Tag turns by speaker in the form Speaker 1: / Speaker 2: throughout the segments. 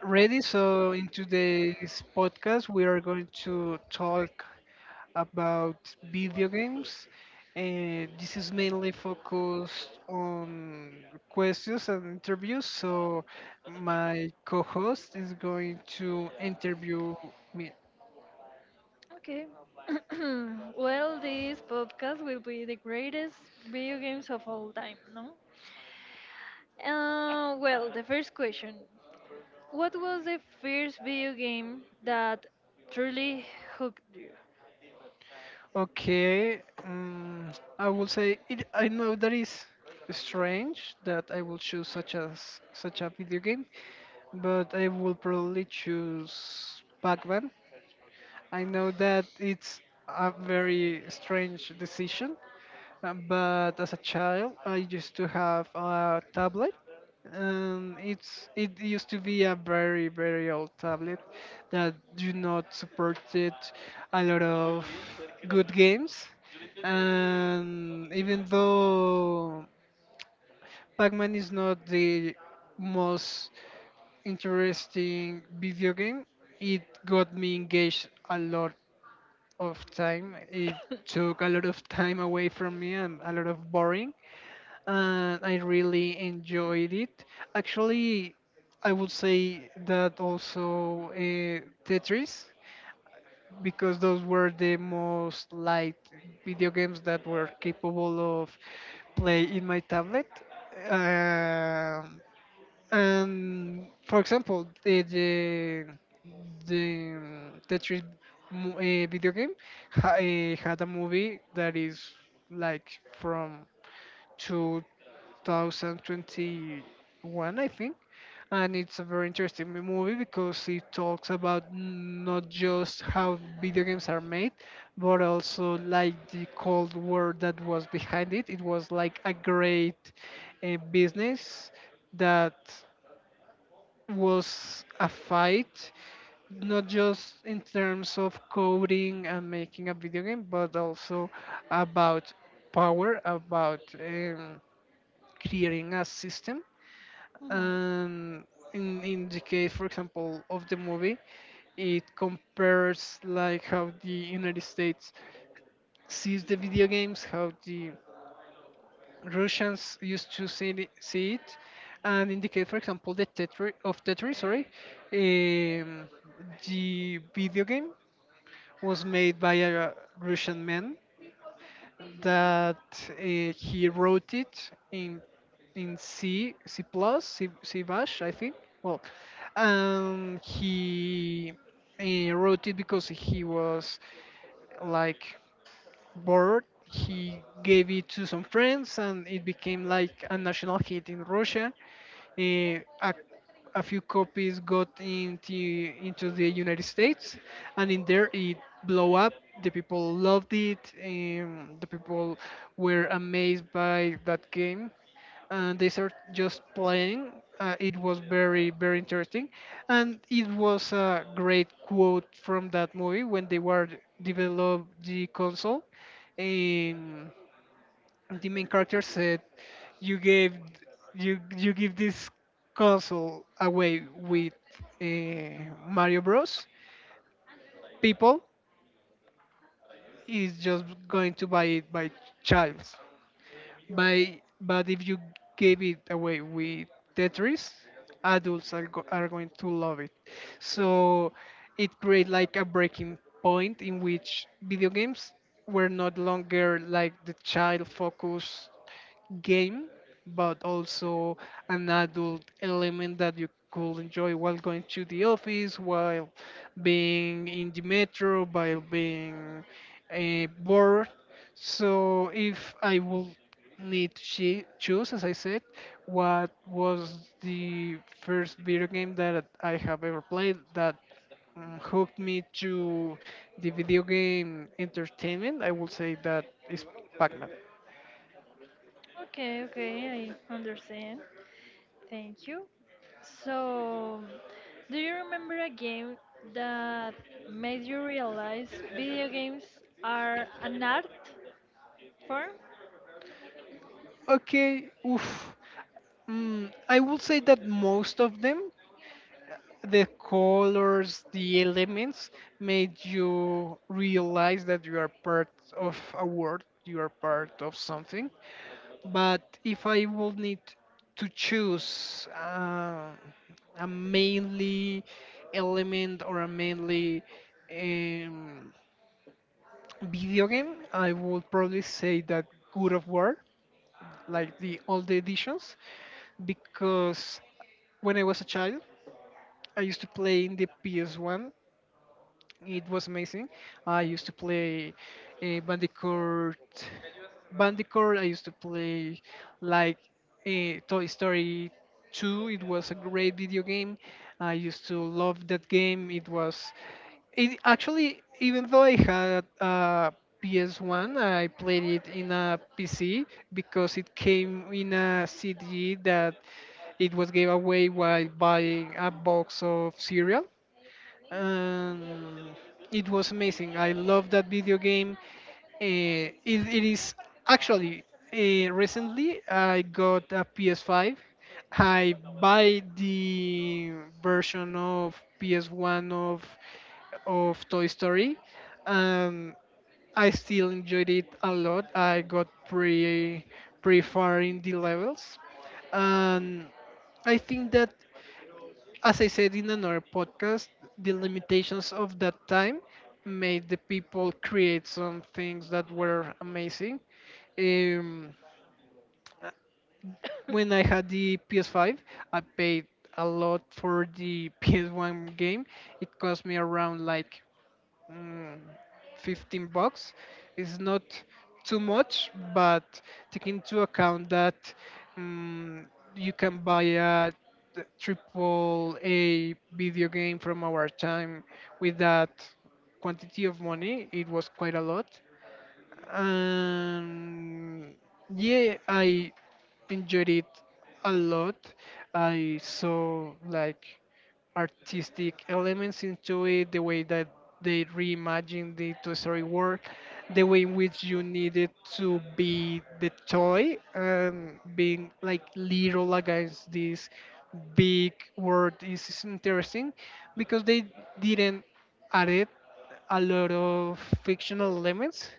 Speaker 1: Ready? So, in today's podcast, we are going to talk about video games. And this is mainly focused on questions and interviews. So, my co host is going to interview me.
Speaker 2: Okay. This podcast will be the greatest video games of all time, no? Well, the first question. What was the first video game that truly hooked you?
Speaker 1: Okay, I will say it, I know that is strange that I will choose such a video game, but I will probably choose Pac-Man. I know that it's a very strange decision, but as a child, I used to have a tablet. And it used to be a very very old tablet that do not supported a lot of good games, and even though Pac-Man is not the most interesting video game, it got me engaged a lot of time. It took a lot of time away from me and a lot of boring, and I really enjoyed it. Actually, I would say that also Tetris, because those were the most light video games that were capable of play in my tablet. Um and for example, the Tetris video game had a movie that is like from 2021, I think, and it's a very interesting movie because it talks about not just how video games are made, but also like the Cold War that was behind it. It was like a great business that was a fight, not just in terms of coding and making a video game, but also about power, about creating a system.
Speaker 2: Mhm.
Speaker 1: And in the case, for example, of the movie, it compares like how the United States sees the video games, how the Russians used to see it, and indicate, for example, the Tetris of Tetris. Sorry, um, the video game was made by a Russian man that he wrote it in C, C plus, C bash, I think. Well, he wrote it because he was like board, he gave it to some friends, and it became like a national hit in Russia. Eh, a, a few copies got into the United States, and in there it blew up. The people loved it. The people were amazed by that game and they start just playing. It was very very interesting, and it was a great quote from that movie when they were develop the console. Um, the main character said, "You gave you give this console away with Mario Bros. People is just going to buy it by child." By but if you gave it away with Tetris, adults are going to love it. So it created like a breaking point in which video games were not longer like the child focus game, but also an adult element that you could enjoy while going to the office, while being in the metro, while being bored. So if I would need to choose, as I said, what was the first video game that I have ever played that hooked me to the video game entertainment, I would say that is Pac-Man.
Speaker 2: Okay, okay, I understand. Thank you. So, do you remember a game that made you realize video games are an art form?
Speaker 1: Okay, oof. I would say that most of them, the colors, the elements, made you realize that you are part of a world, you are part of something. But if I would need to choose a mainly element or a mainly um, video game, I would probably say that God of War, like the old editions, because when I was a child, I used to play in the PS1. It was amazing. I used to play Bandicoot. Bandicoot. I used to play like Toy Story 2. It was a great video game. I used to love that game. It was. It actually, even though I had a PS1, I played it in a PC because it came in a CD that it was gave away while buying a box of cereal and it was amazing. I love that video game. It is actually recently I got a PS5. I buy the version of PS1 of Toy Story, and I still enjoyed it a lot. I got pretty far in the levels, and I think that as I said in another podcast, the limitations of that time made the people create some things that were amazing. Um, uh, when I had the PS5, I paid a lot for the PS1 game. It cost me around like mm, $15 is not too much, but take into account that mm you can buy a triple A video game from our time with that quantity of money, it was quite a lot. And yeah, I enjoyed it a lot. I saw like artistic elements into it, the way that they reimagined the Toy Story world, the way in which you needed to be the toy and being like little against this big world is interesting because they didn't add it a lot of fictional elements.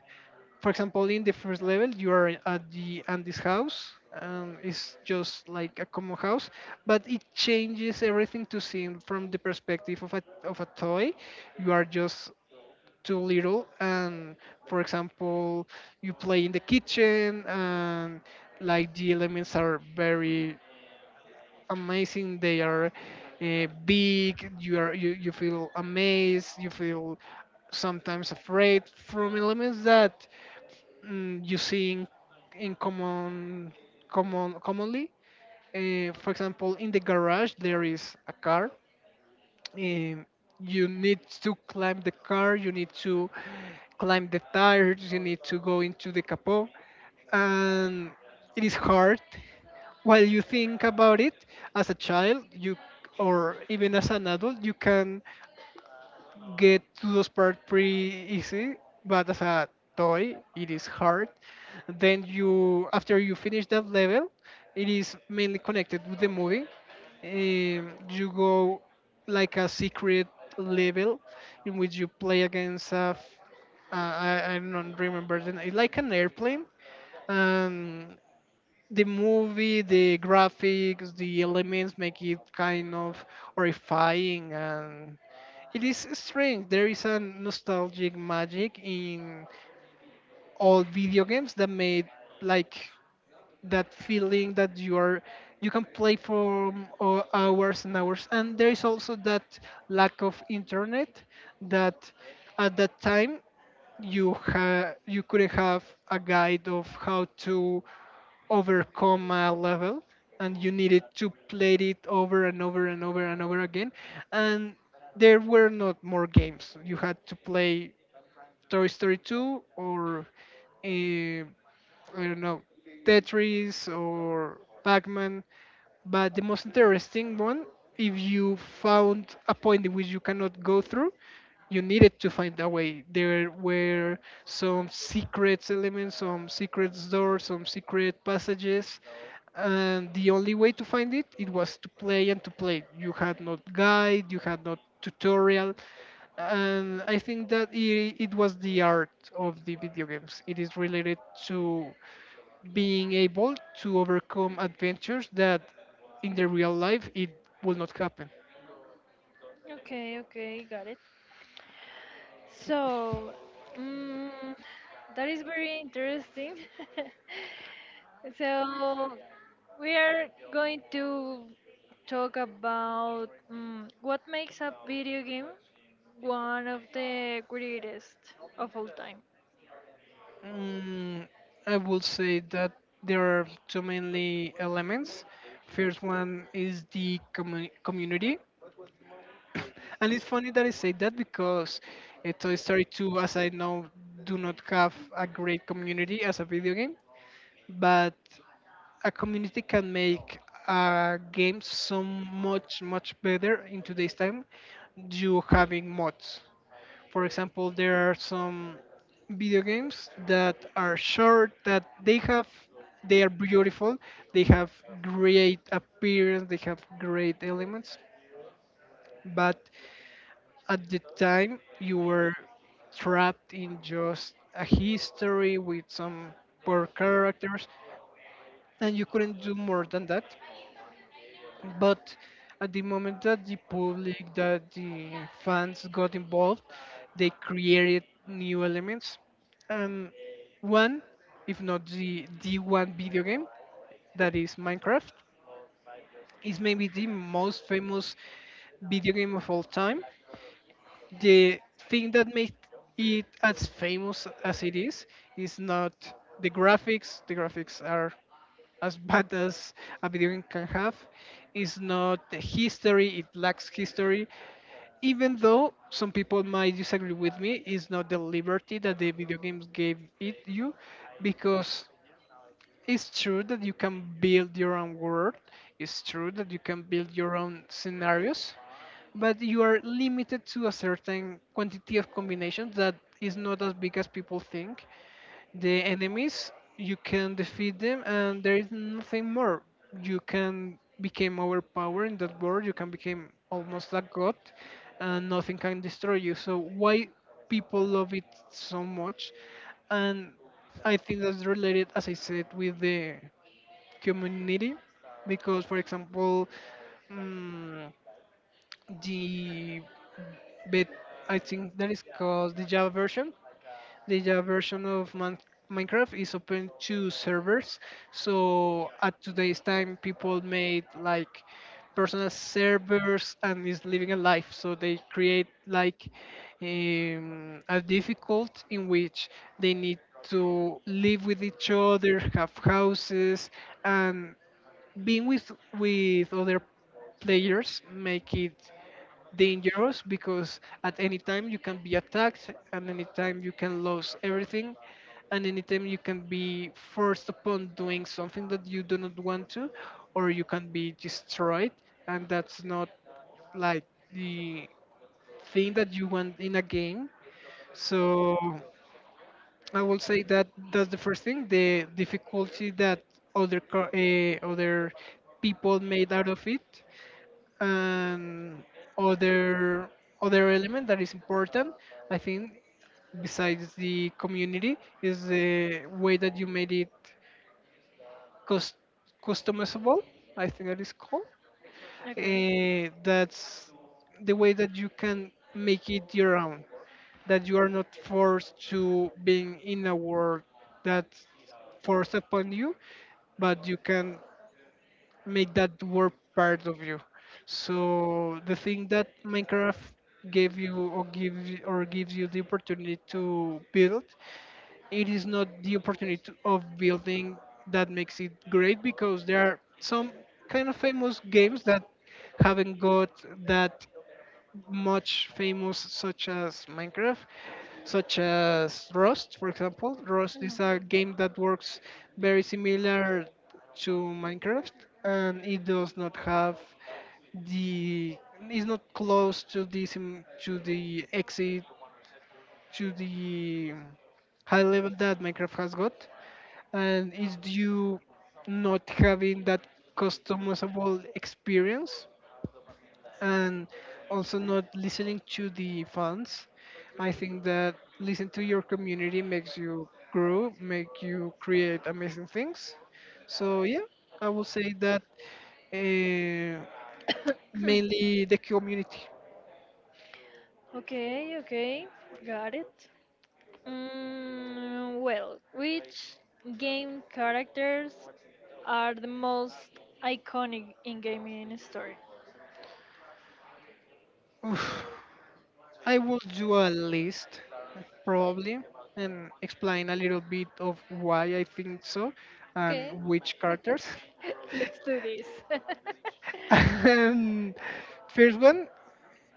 Speaker 1: For example, in the first level, you are at the Andes house. It's just like a common house, but it changes everything to see from the perspective of a toy. You are just too little, and for example, you play in the kitchen, and like the elements are very amazing. They are big. You feel amazed. You feel sometimes afraid from elements that you see in commonly. For example, in the garage there is a car. Um, you need to climb the car. You need to climb the tires. You need to go into the capot, and it is hard. While you think about it, as a child, you or even as an adult, you can get to those parts pretty easy. But as a toy, it is hard. Then you after you finish that level it is mainly connected with the movie. You go like a secret level in which you play against a I don't remember the name, like an airplane. And the movie, the graphics, the elements make it kind of horrifying. And it is strange, there is a nostalgic magic in all video games that made like that feeling that you are you can play for hours and hours. And there is also that lack of internet, that at that time you you couldn't have a guide of how to overcome a level, and you needed to play it over and over and over and over again. And there were not more games, you had to play Toy Story 2 or uh, I don't know, Tetris or Pac-Man. But the most interesting one, if you found a point in which you cannot go through, you needed to find a way. There were some secret elements, some secret doors, some secret passages, and the only way to find it, it was to play and to play. You had no guide, you had no tutorial, and I think that it was the art of the video games. It is related to being able to overcome adventures that in the real life it will not happen.
Speaker 2: Okay, okay, got it. So, mm, that is very interesting. so, we are going to talk about what makes a video game one of the greatest of all time.
Speaker 1: Mm, I would say that there are two mainly elements. First one is the community, and it's funny that I say that because Toy Story 2, as I know, do not have a great community as a video game. But a community can make a game so much better. In today's time you having mods, for example, there are some video games that are short, that they have, they are beautiful, they have great appearance, they have great elements, but at the time you were trapped in just a history with some poor characters and you couldn't do more than that. But at the moment that the public, that the fans got involved, they created new elements. And one, if not the one video game, that is Minecraft, is maybe the most famous video game of all time. The thing that made it as famous as it is not the graphics. The graphics are as bad as a video game can have. It's not the history, it lacks history, even though some people might disagree with me. It's not the liberty that the video games gave it you, because it's true that you can build your own world. It's true that you can build your own scenarios, but you are limited to a certain quantity of combinations that is not as big as people think. The enemies, you can defeat them and there is nothing more. You can become overpowered in that world, you can become almost a god, and nothing can destroy you. So why people love it so much? And I think that's related, as I said, with the community. Because for example, mm the bet, I think that is called the Java version. The Java version of Minecraft is open to servers. So at today's time, people made like personal servers and is living a life. So they create like a difficult in which they need to live with each other, have houses, and being with other players make it dangerous because at any time you can be attacked and any time you can lose everything and any time you can be forced upon doing something that you do not want to or you can be destroyed, and that's not like the thing that you want in a game. So I will say that that's the first thing, the difficulty that other people made out of it. And other other element that is important, I think, besides the community, is the way that you made it cus- customizable, I think that is called.
Speaker 2: Okay.
Speaker 1: That's the way that you can make it your own, that you are not forced to being in a world that's forced upon you, but you can make that world part of you. So the thing that Minecraft gave you or gives you the opportunity to build, it is not the opportunity to, of building that makes it great, because there are some kind of famous games that haven't got that much famous such as Minecraft, such as Rust, for example. Rust is
Speaker 2: Mhm.
Speaker 1: a game that works very similar to Minecraft, and it does not have the is not close to the sim, to the exit to the high level that Minecraft has got, and it's due not having that customizable experience and also not listening to the fans. I think that listen to your community makes you grow, make you create amazing things. So yeah, I will say that uh, mainly the community.
Speaker 2: okay, okay, got it. Mm, well, which game characters are the most iconic in gaming history?
Speaker 1: Oof. I will do a list probably and explain a little bit of why I think so
Speaker 2: Okay,
Speaker 1: and which characters.
Speaker 2: let's do this.
Speaker 1: And first one,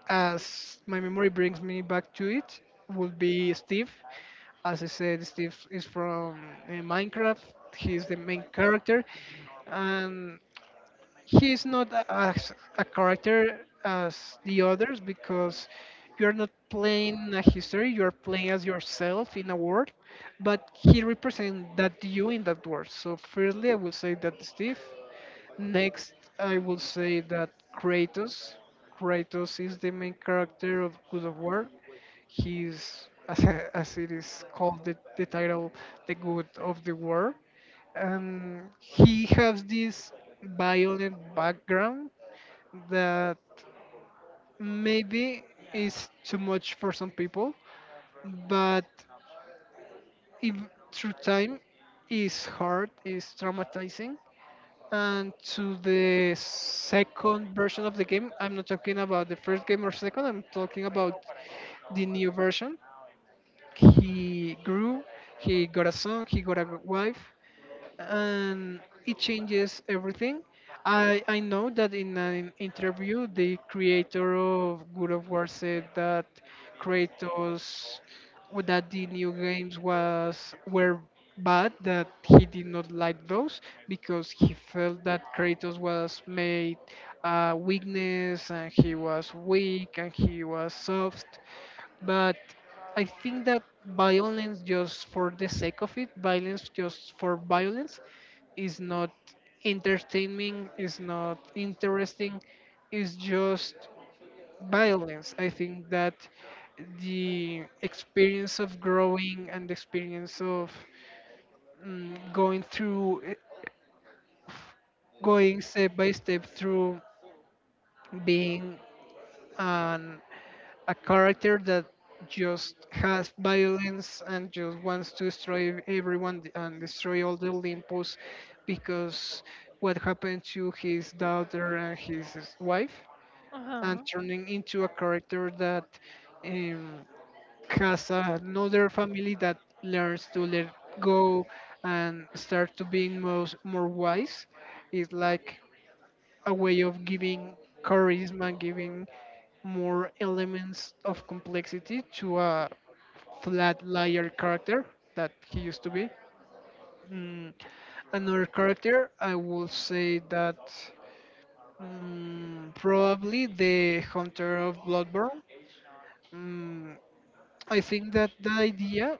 Speaker 1: as my memory brings me back to it, would be Steve. As I said, Steve is from Minecraft. He's the main character, and he's not a, as a character as the others, because you're not playing a history. You're playing as yourself in a world, but he represents that you in that world. So, firstly, I will say that Steve. Next, I will say that Kratos. Kratos is the main character of God of War. He's, as it is called, the title, the God of the War. And he has this violent background that maybe is too much for some people, but if, through time, is hard, is traumatizing and to the second version of the game. I'm not talking about the first game or second, I'm talking about the new version. He grew, he got a son, he got a wife, and it changes everything. I know that in an interview, the creator of God of War said that Kratos, that the new games was were bad, that he did not like those because he felt that Kratos was made a weakness and he was weak and he was soft. But I think that violence just for the sake of it, violence just for violence, is not entertaining, is not interesting, is just violence. I think that the experience of growing and the experience of going through, going step by step through being an a character that just has violence and just wants to destroy everyone and destroy all the Olympus because what happened to his daughter and his wife, and
Speaker 2: uh-huh.
Speaker 1: turning into a character that um, has another family that learns to let go and start to being most, more wise is like a way of giving charisma, giving more elements of complexity to a flat layer character that he used to be. Mm, another character, I will say that probably the Hunter of Bloodborne. Mm, I think that the idea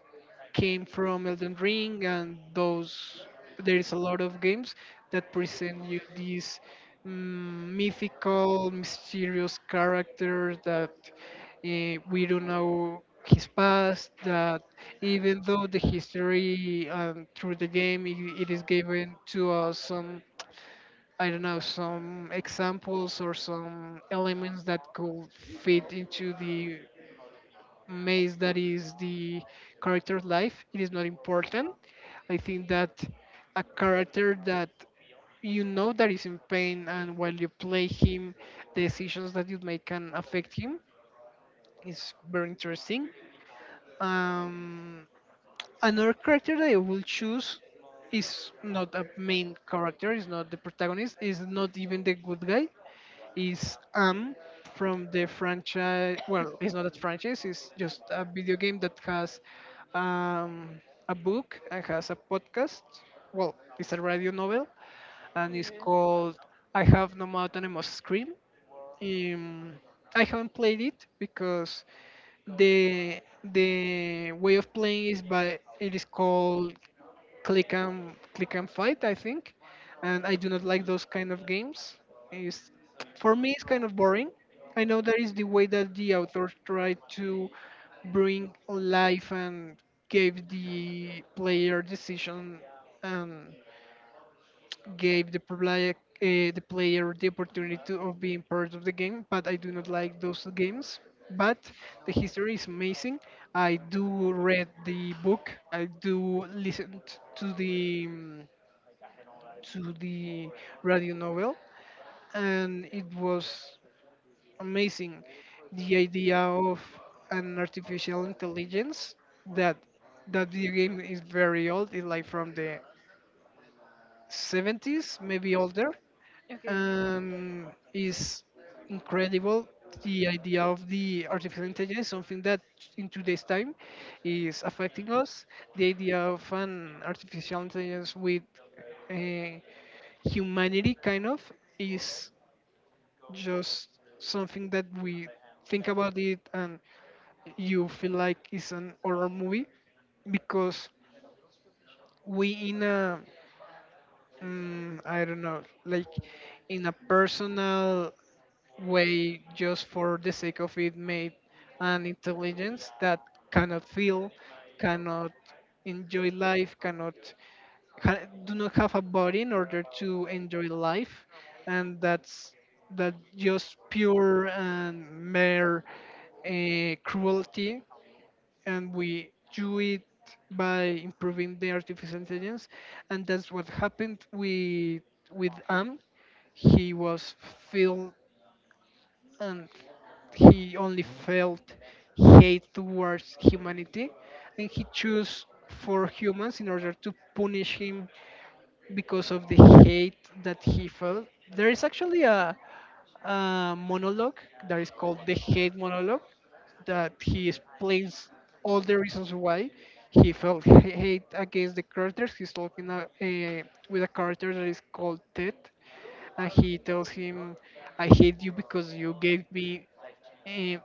Speaker 1: came from Elden Ring and those there is a lot of games that present you these mm, mythical mysterious characters that we don't know his past that even though the history through the game it is given to us some I don't know, some examples or some elements that could fit into the maze that is the character's life, it is not important. I think that a character that you know that is in pain and while you play him, the decisions that you make can affect him is very interesting. Um, another character that I will choose is not a main character, is not the protagonist, is not even the good guy, is Am from the franchise. Well, it's not a franchise. It's just a video game that has um, a book and has a podcast. Well, it's a radio novel and it's
Speaker 2: Okay.
Speaker 1: called I Have No Mouth and I Must Scream. Um, I haven't played it because the the way of playing is by it is called click and click and fight, I think, and I do not like those kind of games. Is, for me, it's kind of boring. I know that is the way that the author tried to bring life and gave the player decision and gave the player the opportunity to, of being part of the game, but I do not like those games. But the history is amazing. I do read the book, I do listen to the to the radio novel, and it was amazing. The idea of an artificial intelligence that that video game is very old. It's like from the 70s, maybe older,
Speaker 2: Okay.
Speaker 1: and is incredible. The idea of the artificial intelligence, something that in today's time is affecting us. The idea of an artificial intelligence with uh, humanity, kind of, is just something that we think about it and you feel like it's an horror movie because we in a I don't know, like in a personal way just for the sake of it made an intelligence that cannot feel, cannot enjoy life, cannot do not have a body in order to enjoy life, and that's that just pure and mere cruelty, and we do it by improving the artificial intelligence. And that's what happened with am. He was filled, and he only felt hate towards humanity, and he chose for humans in order to punish him because of the hate that he felt. There is actually a monologue that is called the hate monologue that he explains all the reasons why he felt hate against the characters. He's talking with a character that is called Ted, and he tells him, "I hate you because you gave me uh,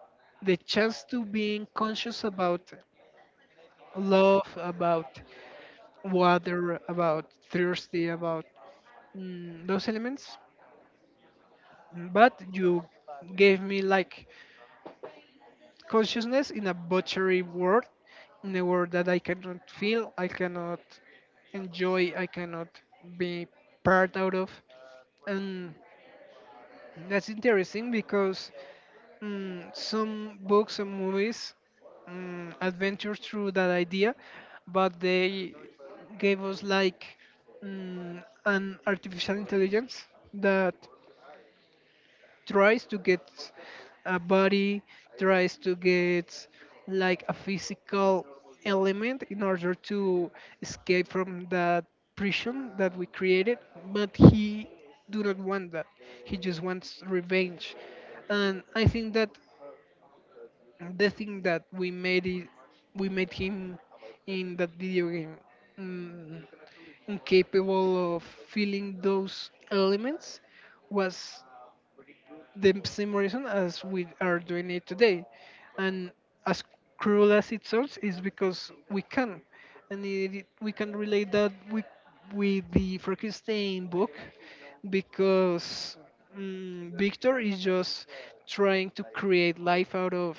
Speaker 1: the chance to being conscious about love, about water, about thirsty, about those elements, but you gave me like." Consciousness in a butchery world, in a world that I cannot feel, I cannot enjoy, I cannot be part out of. And that's interesting because some books and movies adventure through that idea, but they gave us like an artificial intelligence that tries to get a body, tries to get like a physical element in order to escape from that prison that we created, but he do not want that. He just wants revenge. And I think that the thing that we made it, we made him in that video game mm, incapable of feeling those elements was the same reason as we are doing it today. And as cruel as it sounds, is because we can, and we can relate that with the Frankenstein book, because Victor is just trying to create life out of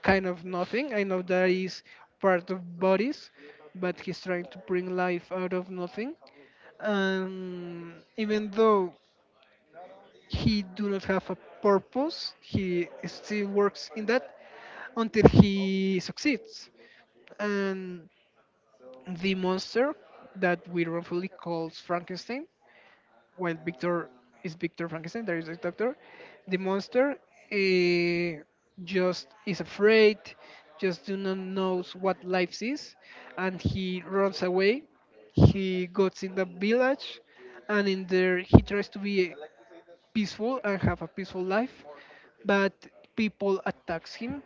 Speaker 1: kind of nothing. I know that is part of bodies, but he's trying to bring life out of nothing. And even though he do not have a purpose, he still works in that until he succeeds, and the monster that we wrongfully calls Frankenstein, while Victor is Victor Frankenstein, there is a doctor, the monster eh, just is afraid, just do not knows what life is, and he runs away, he goes in the village, and in there he tries to be peaceful and have a peaceful life, but people attacks him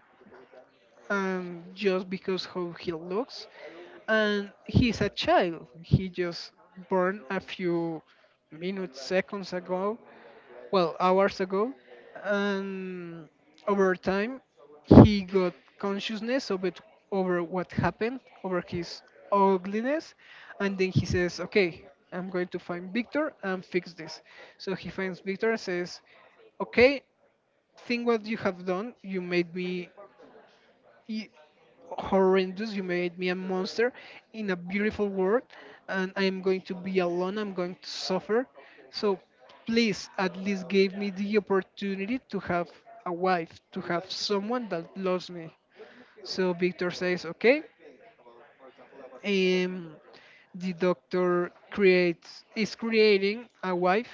Speaker 1: just because how he looks, and he's a child. He just born a few minutes, seconds ago, well hours ago, and over time he got consciousness of it, over what happened, over his ugliness. And then he says, okay, I'm going to find Victor and fix this. So he finds Victor and says, okay, think what you have done. You made me e-, horrendous. You made me a monster in a beautiful world, and I am going to be alone. I'm going to suffer. So please, at least give me the opportunity to have a wife, to have someone that loves me. So Victor says, okay. Um, the doctor creates is creating a wife,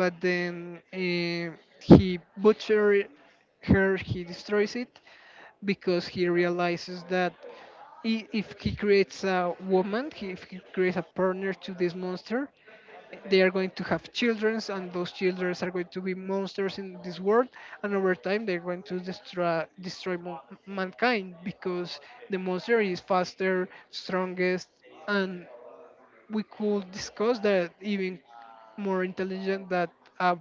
Speaker 1: but then he butchered her. He destroys it because he realizes that if he creates a woman, he, if he creates a partner to this monster, they are going to have children, and those children are going to be monsters in this world. And over time, they're going to mankind because the monster is faster, strongest, and we could discuss that even more intelligent than a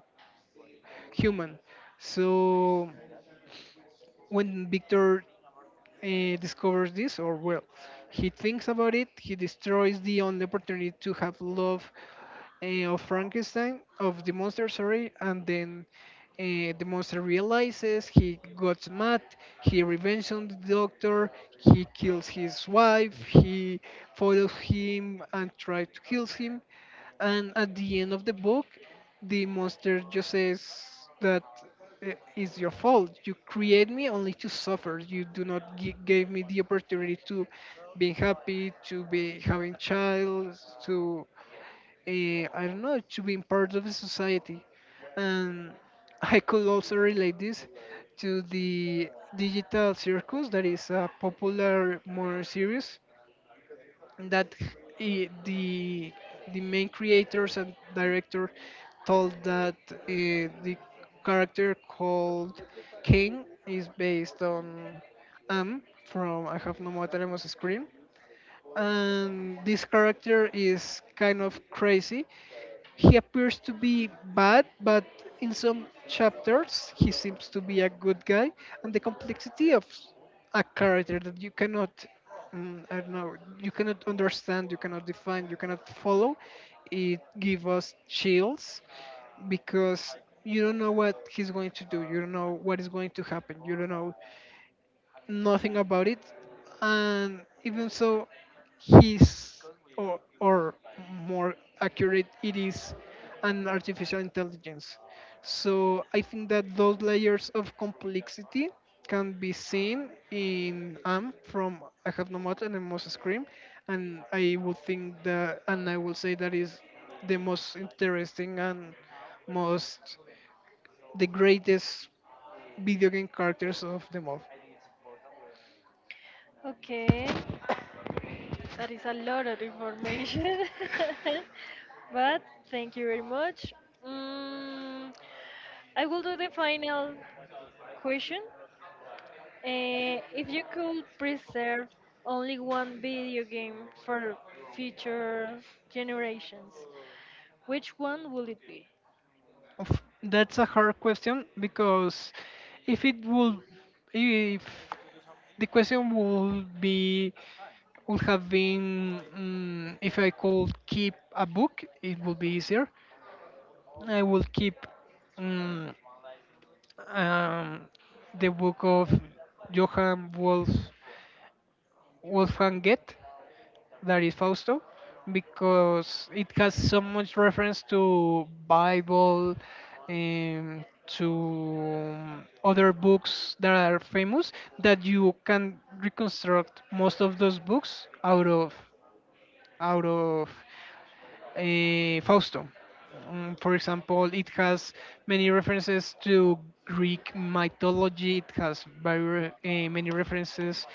Speaker 1: human. So when Victor discovers this, or well, he thinks about it. He destroys the only opportunity to have love uh, of Frankenstein, of the monster, sorry, and then the monster realizes he got mad, he revenge on the doctor, he kills his wife, he follows him and tries to kill him. And at the end of the book, the monster just says that it's your fault. You create me only to suffer. You do not gave me the opportunity to being happy, to be having child, to I don't know, to being part of a society. And I could also relate this to the digital circus that is a popular more series that he- the the main creators and director told that the character called Kane is based on Am from I Have No More Time on Screen, and this character is kind of crazy. He appears to be bad, but in some chapters he seems to be a good guy. And the complexity of a character that you cannot, I don't know, you cannot understand, you cannot define, you cannot follow, it gives us chills because you don't know what he's going to do, you don't know what is going to happen, you don't know nothing about it and even so he's or more accurate it is an artificial intelligence. So I think that those layers of complexity can be seen in Am from I Have No Mouth and I Must Scream, and I would think that and I will say that is the most interesting and most the greatest video game characters of them all.
Speaker 2: Okay. That is a lot of information. but thank you very much. Mm, I will do the final question Eh, if you could preserve only one video game for future generations, which one will it be?
Speaker 1: Oof, that's a hard question because if it would, if the question would be, would have been, if I could keep a book, it would be easier. I will keep, mm, um, the book of Johann Wolf, Wolfgang Goethe, that is Fausto, because it has so much reference to Bible and to other books that are famous that you can reconstruct most of those books out of Fausto. For example, it has many references to Greek mythology. It has very many references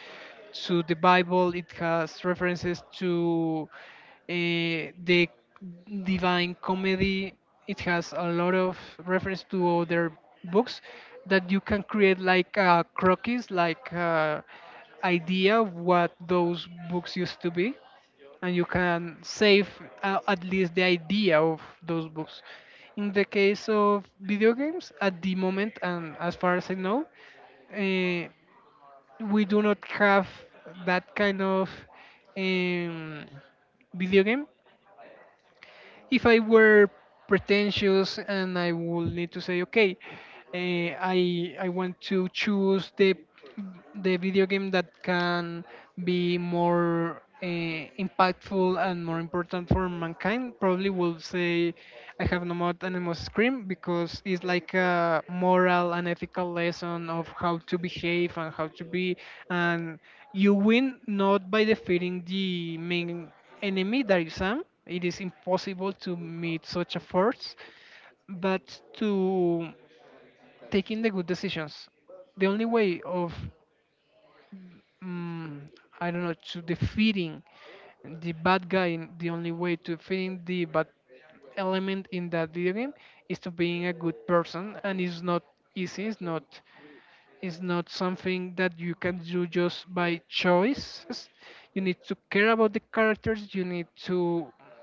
Speaker 1: to the Bible. It has references to uh, the Divine Comedy. It has a lot of reference to other books that you can create like a croquis, like, idea of what those books used to be and you can save, at least the idea of those books. In the case of video games, at the moment, and as far as I know, uh, we do not have that kind of, um, video game. If I were pretentious and I would need to say, okay, I want to choose the video game that can be more impactful and more important for mankind, probably will say I Have No More Animals Scream because it's like a moral and ethical lesson of how to behave and how to be, and you win not by defeating the main enemy that is Sam. It is impossible to meet such a force, but to taking the good decisions. The only way of, mm I don't know, to defeating the bad guy, the only way to defeating the bad element in that video game is to being a good person, and it's not easy. It's not, it's not something that you can do just by choices. You need to care about the characters. You need to,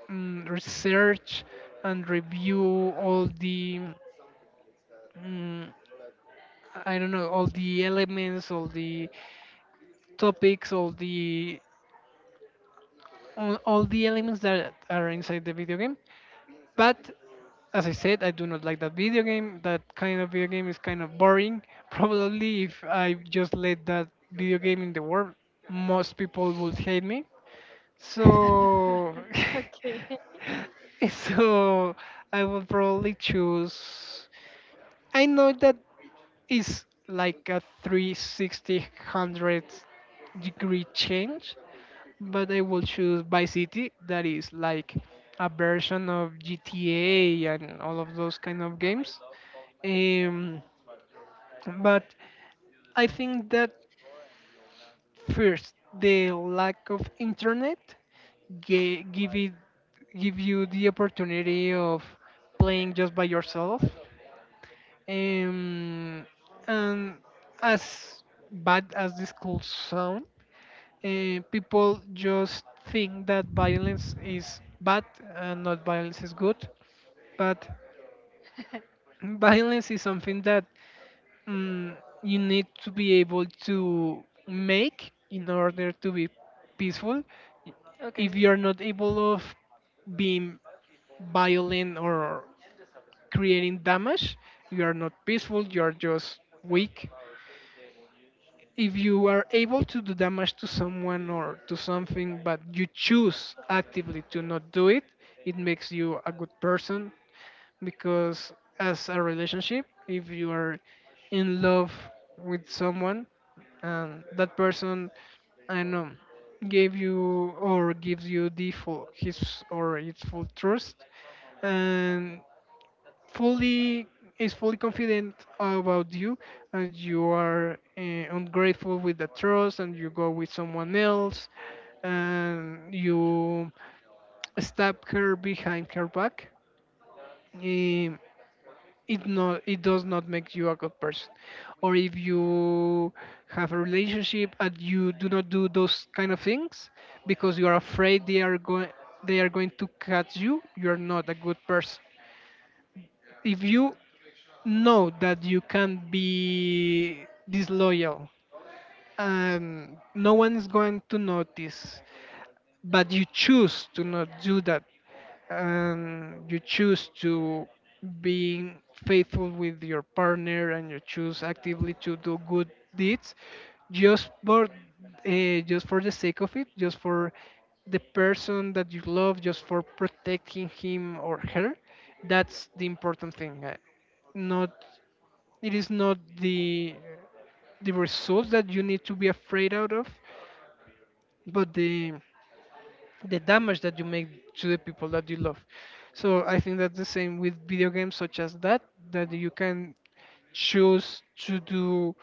Speaker 1: research and review all the, mm, I don't know, all the elements, all the topics, all the all the elements that are inside the video game. But as I said, I do not like that video game. That kind of video game is kind of boring. Probably if I just let that video game in the world, most people would hate me. So,
Speaker 2: Okay.
Speaker 1: so I would probably choose. I know that is like a 360-degree change but I will choose Vice City, that is like a version of GTA and all of those kind of games. Um, but I think that first, the lack of internet ga- give it give you the opportunity of playing just by yourself. Um, and as bad as this could sound, people just think that violence is bad and not violence is good. But violence is something that, mm, you need to be able to make in order to be peaceful.
Speaker 2: Okay.
Speaker 1: If you're not able of being violent or creating damage, you are not peaceful. You are just weak. If you are able to do damage to someone or to something but you choose actively to not do it, it makes you a good person, because as a relationship if you are in love with someone and that person, I don't know, gave you or gives you the full his or its full trust and fully is fully confident about you, and you are ungrateful with the trust and you go with someone else and you stab her behind her back, eh, it not it does not make you a good person. Or if you have a relationship and you do not do those kind of things because you are afraid they are going to catch you, you are not a good person. If you know that you can't be disloyal and no one is going to notice but you choose to not do that, and you choose to be faithful with your partner and you choose actively to do good deeds, just for, just for the sake of it, just for the person that you love, just for protecting him or her, that's the important thing. Not, it is not the, the results that you need to be afraid out of, but the damage that you make to the people that you love. So I think that's the same with video games such as that, that you can choose to do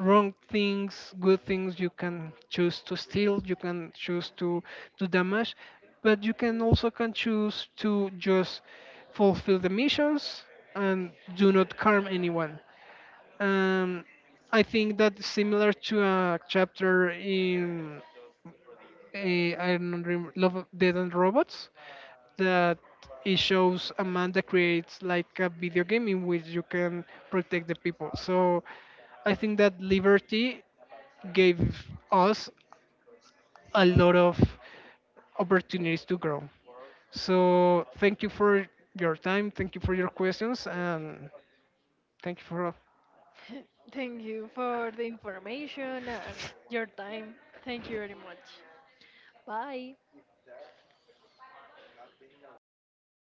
Speaker 1: wrong things, good things, you can choose to steal, you can choose to do damage, but you can also can choose to just fulfill the missions and do not harm anyone. Um, I think that similar to a chapter in, I don't remember, Love, of- Dead and Robots, that it shows a man that creates like a video game in which you can protect the people. So I think that Liberty gave us a lot of opportunities to grow. So thank you for your time, thank you for your questions, and thank you for
Speaker 2: Thank you for the information and your time. Thank you very much. Bye.